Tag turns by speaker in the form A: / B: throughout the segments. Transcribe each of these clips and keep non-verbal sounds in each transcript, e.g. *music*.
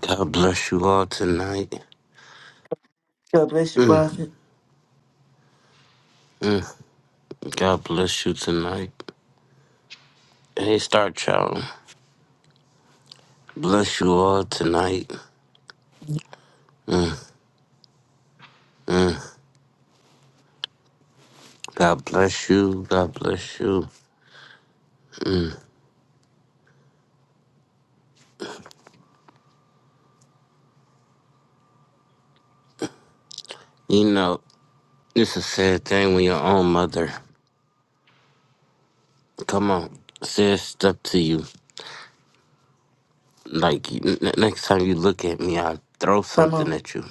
A: God bless you all tonight.
B: God bless you, prophet.
A: God bless you tonight. Hey, Star Child. Bless you all tonight. God bless you. God bless you. You know, it's a sad thing when your own mother, come on, says stuff to you. Like, n- n- next time you look at me, I'll throw
B: Come
A: something
B: on.
A: at you.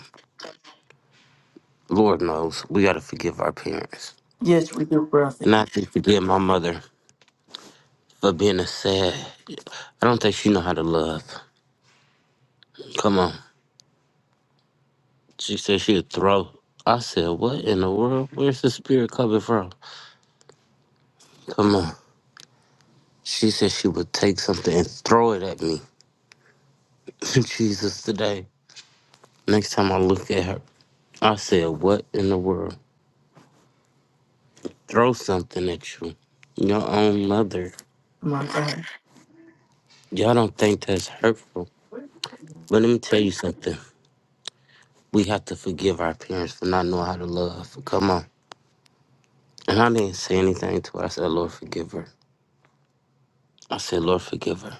A: Lord knows, we got to forgive our parents.
B: Yes, we do, prophet.
A: And I have to forgive my mother for being a sad. I don't think she know how to love. Come on. She said she'd throw. I said, What in the world? Where's the spirit coming from? Come on. She said she would take something and throw it at me. *laughs* Jesus, today. Next time I look at her, I said, What in the world? Throw something at you. Your own mother.
B: My God.
A: Y'all don't think that's hurtful. But let me tell you something. We have to forgive our parents for not knowing how to love. Come on. And I didn't say anything to her. I said, Lord, forgive her. I said, Lord, forgive her.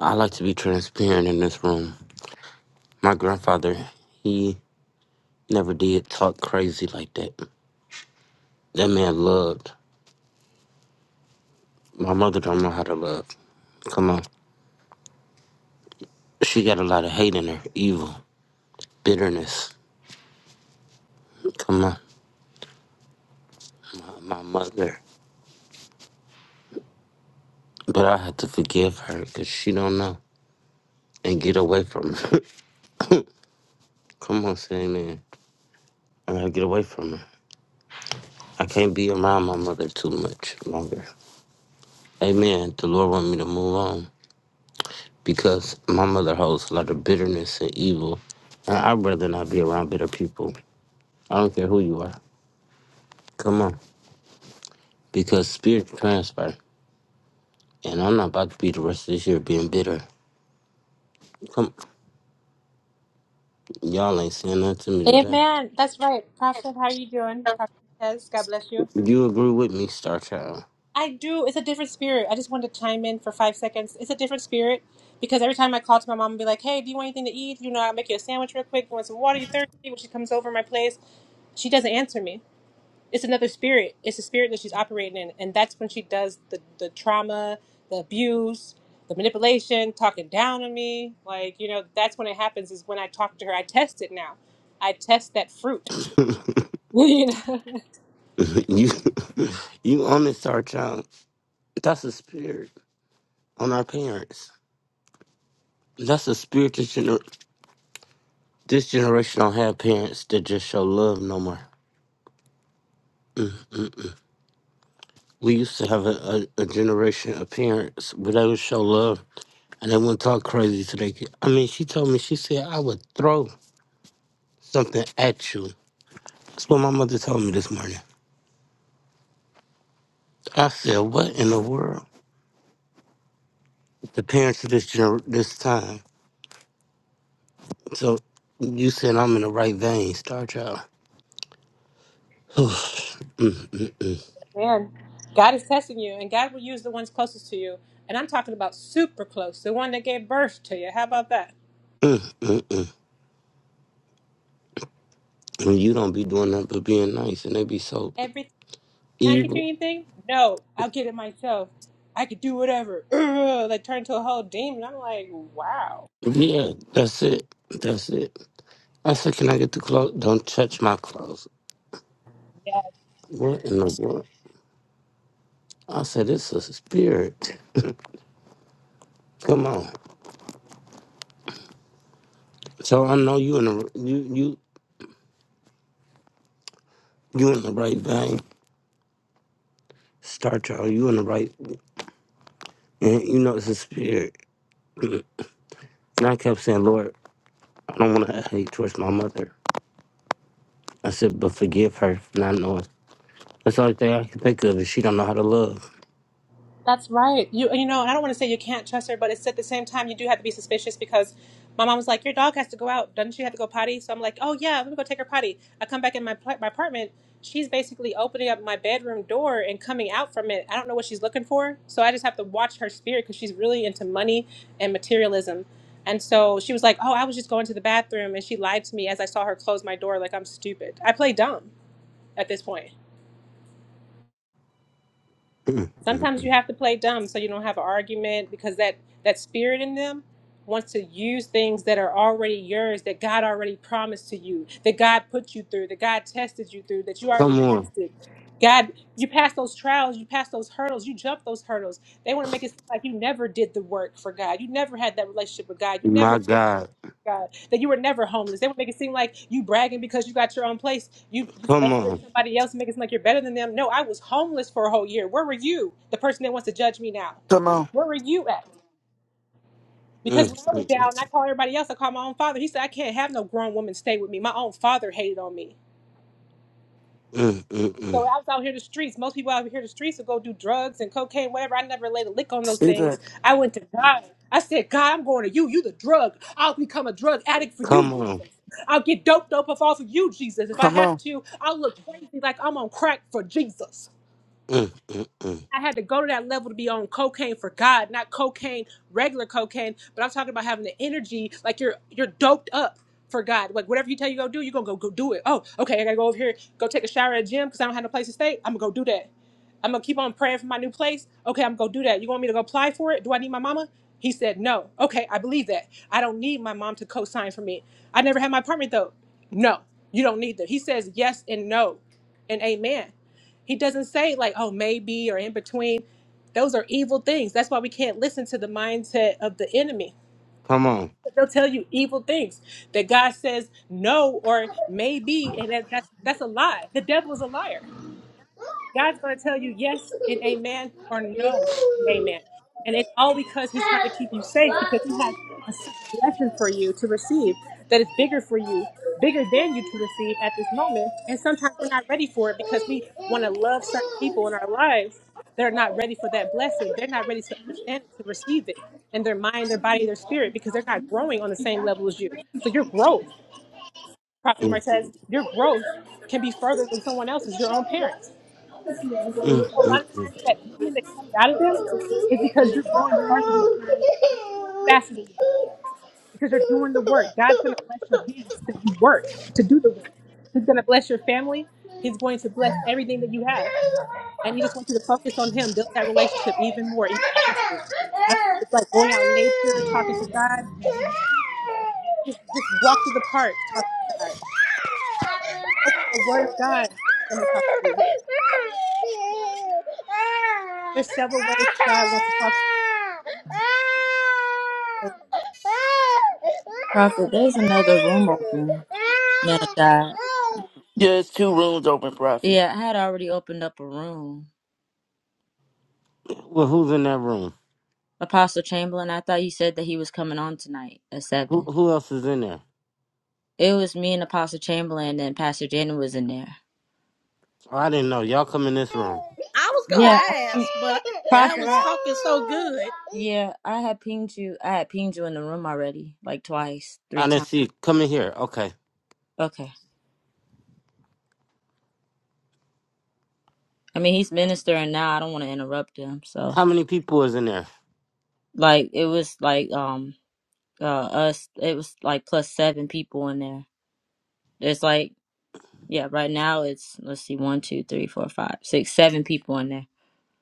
A: I like to be transparent in this room. My grandfather, he never did talk crazy like that. That man loved. My mother don't know how to love. Come on. She got a lot of hate in her, evil, bitterness. Come on. My mother. But I had to forgive her because she don't know. And get away from her. *laughs* Come on, say amen. I gotta get away from her. I can't be around my mother too much longer. Amen. The Lord want me to move on because my mother holds a lot of bitterness and evil. And I'd rather not be around bitter people. I don't care who you are. Come on. Because spirit transfer. And I'm not about to be the rest of this year being bitter. Come y'all ain't saying nothing to me today.
C: Amen. That's right. Prophet, how are you doing? Prophetess, God bless you.
A: You agree with me, Star Child.
C: I do. It's a different spirit. I just wanted to chime in for five seconds. It's a different spirit because every time I call to my mom and be like, hey, do you want anything to eat? You know, I'll make you a sandwich real quick. You want some water? You thirsty? When she comes over my place, she doesn't answer me. It's another spirit. It's a spirit that she's operating in. And that's when she does the, the trauma, the abuse, the manipulation, talking down on me. Like, you know, that's when it happens is when I talk to her. I test it now. I test that fruit. *laughs* you know?
A: *laughs* you you on this Star Child. That's a spirit on our parents. That's a spirit this, gener- this generation don't have parents that just show love no more. We used to have a, a, a generation of parents where they would show love and they wouldn't talk crazy to their kid. I mean, she told me, she said, I would throw something at you That's what my mother told me this morning. I said, "What in the world?" The parents of this gener- this time. So you said I'm in the right vein, star child. *sighs* and
C: Man, God is testing you, and God will use the ones closest to you. And I'm talking about super close, the one that gave birth to you. How about that?
A: you don't be doing that, but being nice, and they be so
C: Everything. Can I get you
A: evil.
C: anything? No, I'll get it myself. I could do whatever. *clears throat* Ugh, like turn into a whole demon. I'm like, wow.
A: Yeah, that's it. That's it. I said, "Can I get the clothes?" Don't touch my clothes. What in the world? I said, "It's a spirit." Come on. So I know you in the you you you in the right vein, star child. You in the right. And you know it's a spirit. And I kept saying, Lord, I don't want to hate towards my mother. I said, but forgive her for not knowing. That's the only thing I can think of is she don't know how to love.
C: That's right. You you know, I don't want to say you can't trust her, but it's at the same time you do have to be suspicious because my mom was like, "Your dog has to go out. Doesn't she have to go potty?" So I'm like, "Oh yeah, let me go take her potty." I come back in my pla- my apartment. She's basically opening up my bedroom door and coming out from it. I don't know what she's looking for, so I just have to watch her spirit because she's really into money and materialism. And so she was like, "Oh, I was just going to the bathroom," and she lied to me as I saw her close my door. Like I'm stupid. I play dumb at this point. sometimes you have to play dumb so you don't have an argument because that that spirit in them wants to use things that are already yours that god already promised to you that god put you through that god tested you through that you already
A: Come on.
C: passed it god you passed those trials you passed those hurdles you jumped those hurdles they want to make it seem like you never did the work for god you never had that relationship with god you never
A: My God.
C: God, that you were never homeless. They would make it seem like you bragging because you got your own place. You you
A: Come
C: slandering
A: on.
C: somebody else, making it seem like you're better than them. No, I was homeless for a whole year. Where were you? The person that wants to judge me now.
B: Come on.
C: Where were you at?
A: Mm,
C: Because when I was
A: mm,
C: down, and I called everybody else. I called my own father. He said, I can't have no grown woman stay with me. My own father hated on me.
A: mm, mm,
C: So
A: mm.
C: I was out here the streets. Most people out here the streets will go do drugs and cocaine, whatever. I never laid a lick on those
B: See that.
C: things. I went to God. I said, God, I'm going to you. You the drug. I'll become a drug addict for you,
A: Come on.
C: Jesus. I'll get dope dope off off of you, Jesus. If I
B: Come
C: have
B: on.
C: to, I'll look crazy like I'm on crack for Jesus.
A: Mm, mm, mm.
C: I had to go to that level to be on cocaine for God, not cocaine, regular cocaine. But I'm talking about having the energy, like you're you're doped up for God. Like whatever you tell you go do, you're gonna go, go do it. Oh, okay, I gotta go over here, go take a shower at the gym because I don't have no place to stay. I'm gonna go do that. I'm gonna keep on praying for my new place. Okay, I'm gonna go do that. You want me to go apply for it? Do I need my mama? He said no. Okay, I believe that. I don't need my mom to co-sign for me. I never had my apartment though. No, you don't need that. He says yes and no and amen. He doesn't say like, oh, maybe or in between. Those are evil things. That's why we can't listen to the mindset of the enemy.
A: Come on.
C: They'll tell you evil things that God says no or maybe, and that, that's that's a lie. The devil is a liar.
D: No.
C: God's going to tell you yes and amen or no and amen. And it's all because He's trying
D: Ah,
C: to keep you safe because He has a certain blessing for you to receive that is bigger for you, bigger than you to receive at this moment. And sometimes we're not ready for it because we want to love certain people in our lives that are not ready for that blessing. They're not ready to understand it, to receive it in their mind, their body, their spirit because they're not growing on the same level as you. So your growth, Prophet
A: Mm,
C: Martez, your growth can be further than someone else's, your own parents.
D: I'm
A: mm,
C: So a lot
A: mm,
C: of
A: mm.
C: times that demon that comes out of them is because you're growing farther than them, faster than them,
D: not. *laughs*
C: because you're doing the work. God's going to bless your hands to do work, to do the work. He's going to bless your family. He's going to bless everything that you have. And
D: Thank
C: he
D: you.
C: just wants you to focus on him, build that relationship even more, even closer. I don't know if it's like going out in nature, talking to God. Just, just walk through the park, talk to God. Open up the word of God, let him talk to you. There's several ways that God wants to talk to you.
E: Prophet, there's another room open. Man of God.
B: Yes, two rooms open, prophet.
E: Yeah, I had already opened up a room.
A: Well, who's in that room?
E: Apostle Chamberlain, I thought you said that he was coming on tonight at
A: Who,
E: seven.
A: who else is in there?
E: It was me and Apostle Chamberlain, and Pastor Janet was in there.
A: Oh, I didn't know. Y'all come in this room.
D: I was gonna
E: Yeah, I
D: ask,
E: think,
D: but yeah, I
E: Prophet,
D: was
E: I
D: talking so good.
E: yeah, I had pinged you. I had pinged you in the room already, like twice, three
A: I didn't
E: times.
A: see. Come in here. Okay.
E: Okay. I mean, he's ministering now. I don't want to interrupt him. So,
A: How many people is in there?
E: like, it was like um uh us. It was like plus seven people in there. It's like Yeah, right now it's let's see, one, two, three, four, five, six, seven people in there.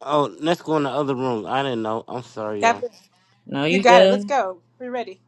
A: Oh, let's go in the other room. I didn't know. I'm sorry, y'all.
C: God bless.
E: No,
C: You You
E: you
C: got it.
E: good.
C: Let's go. We're ready.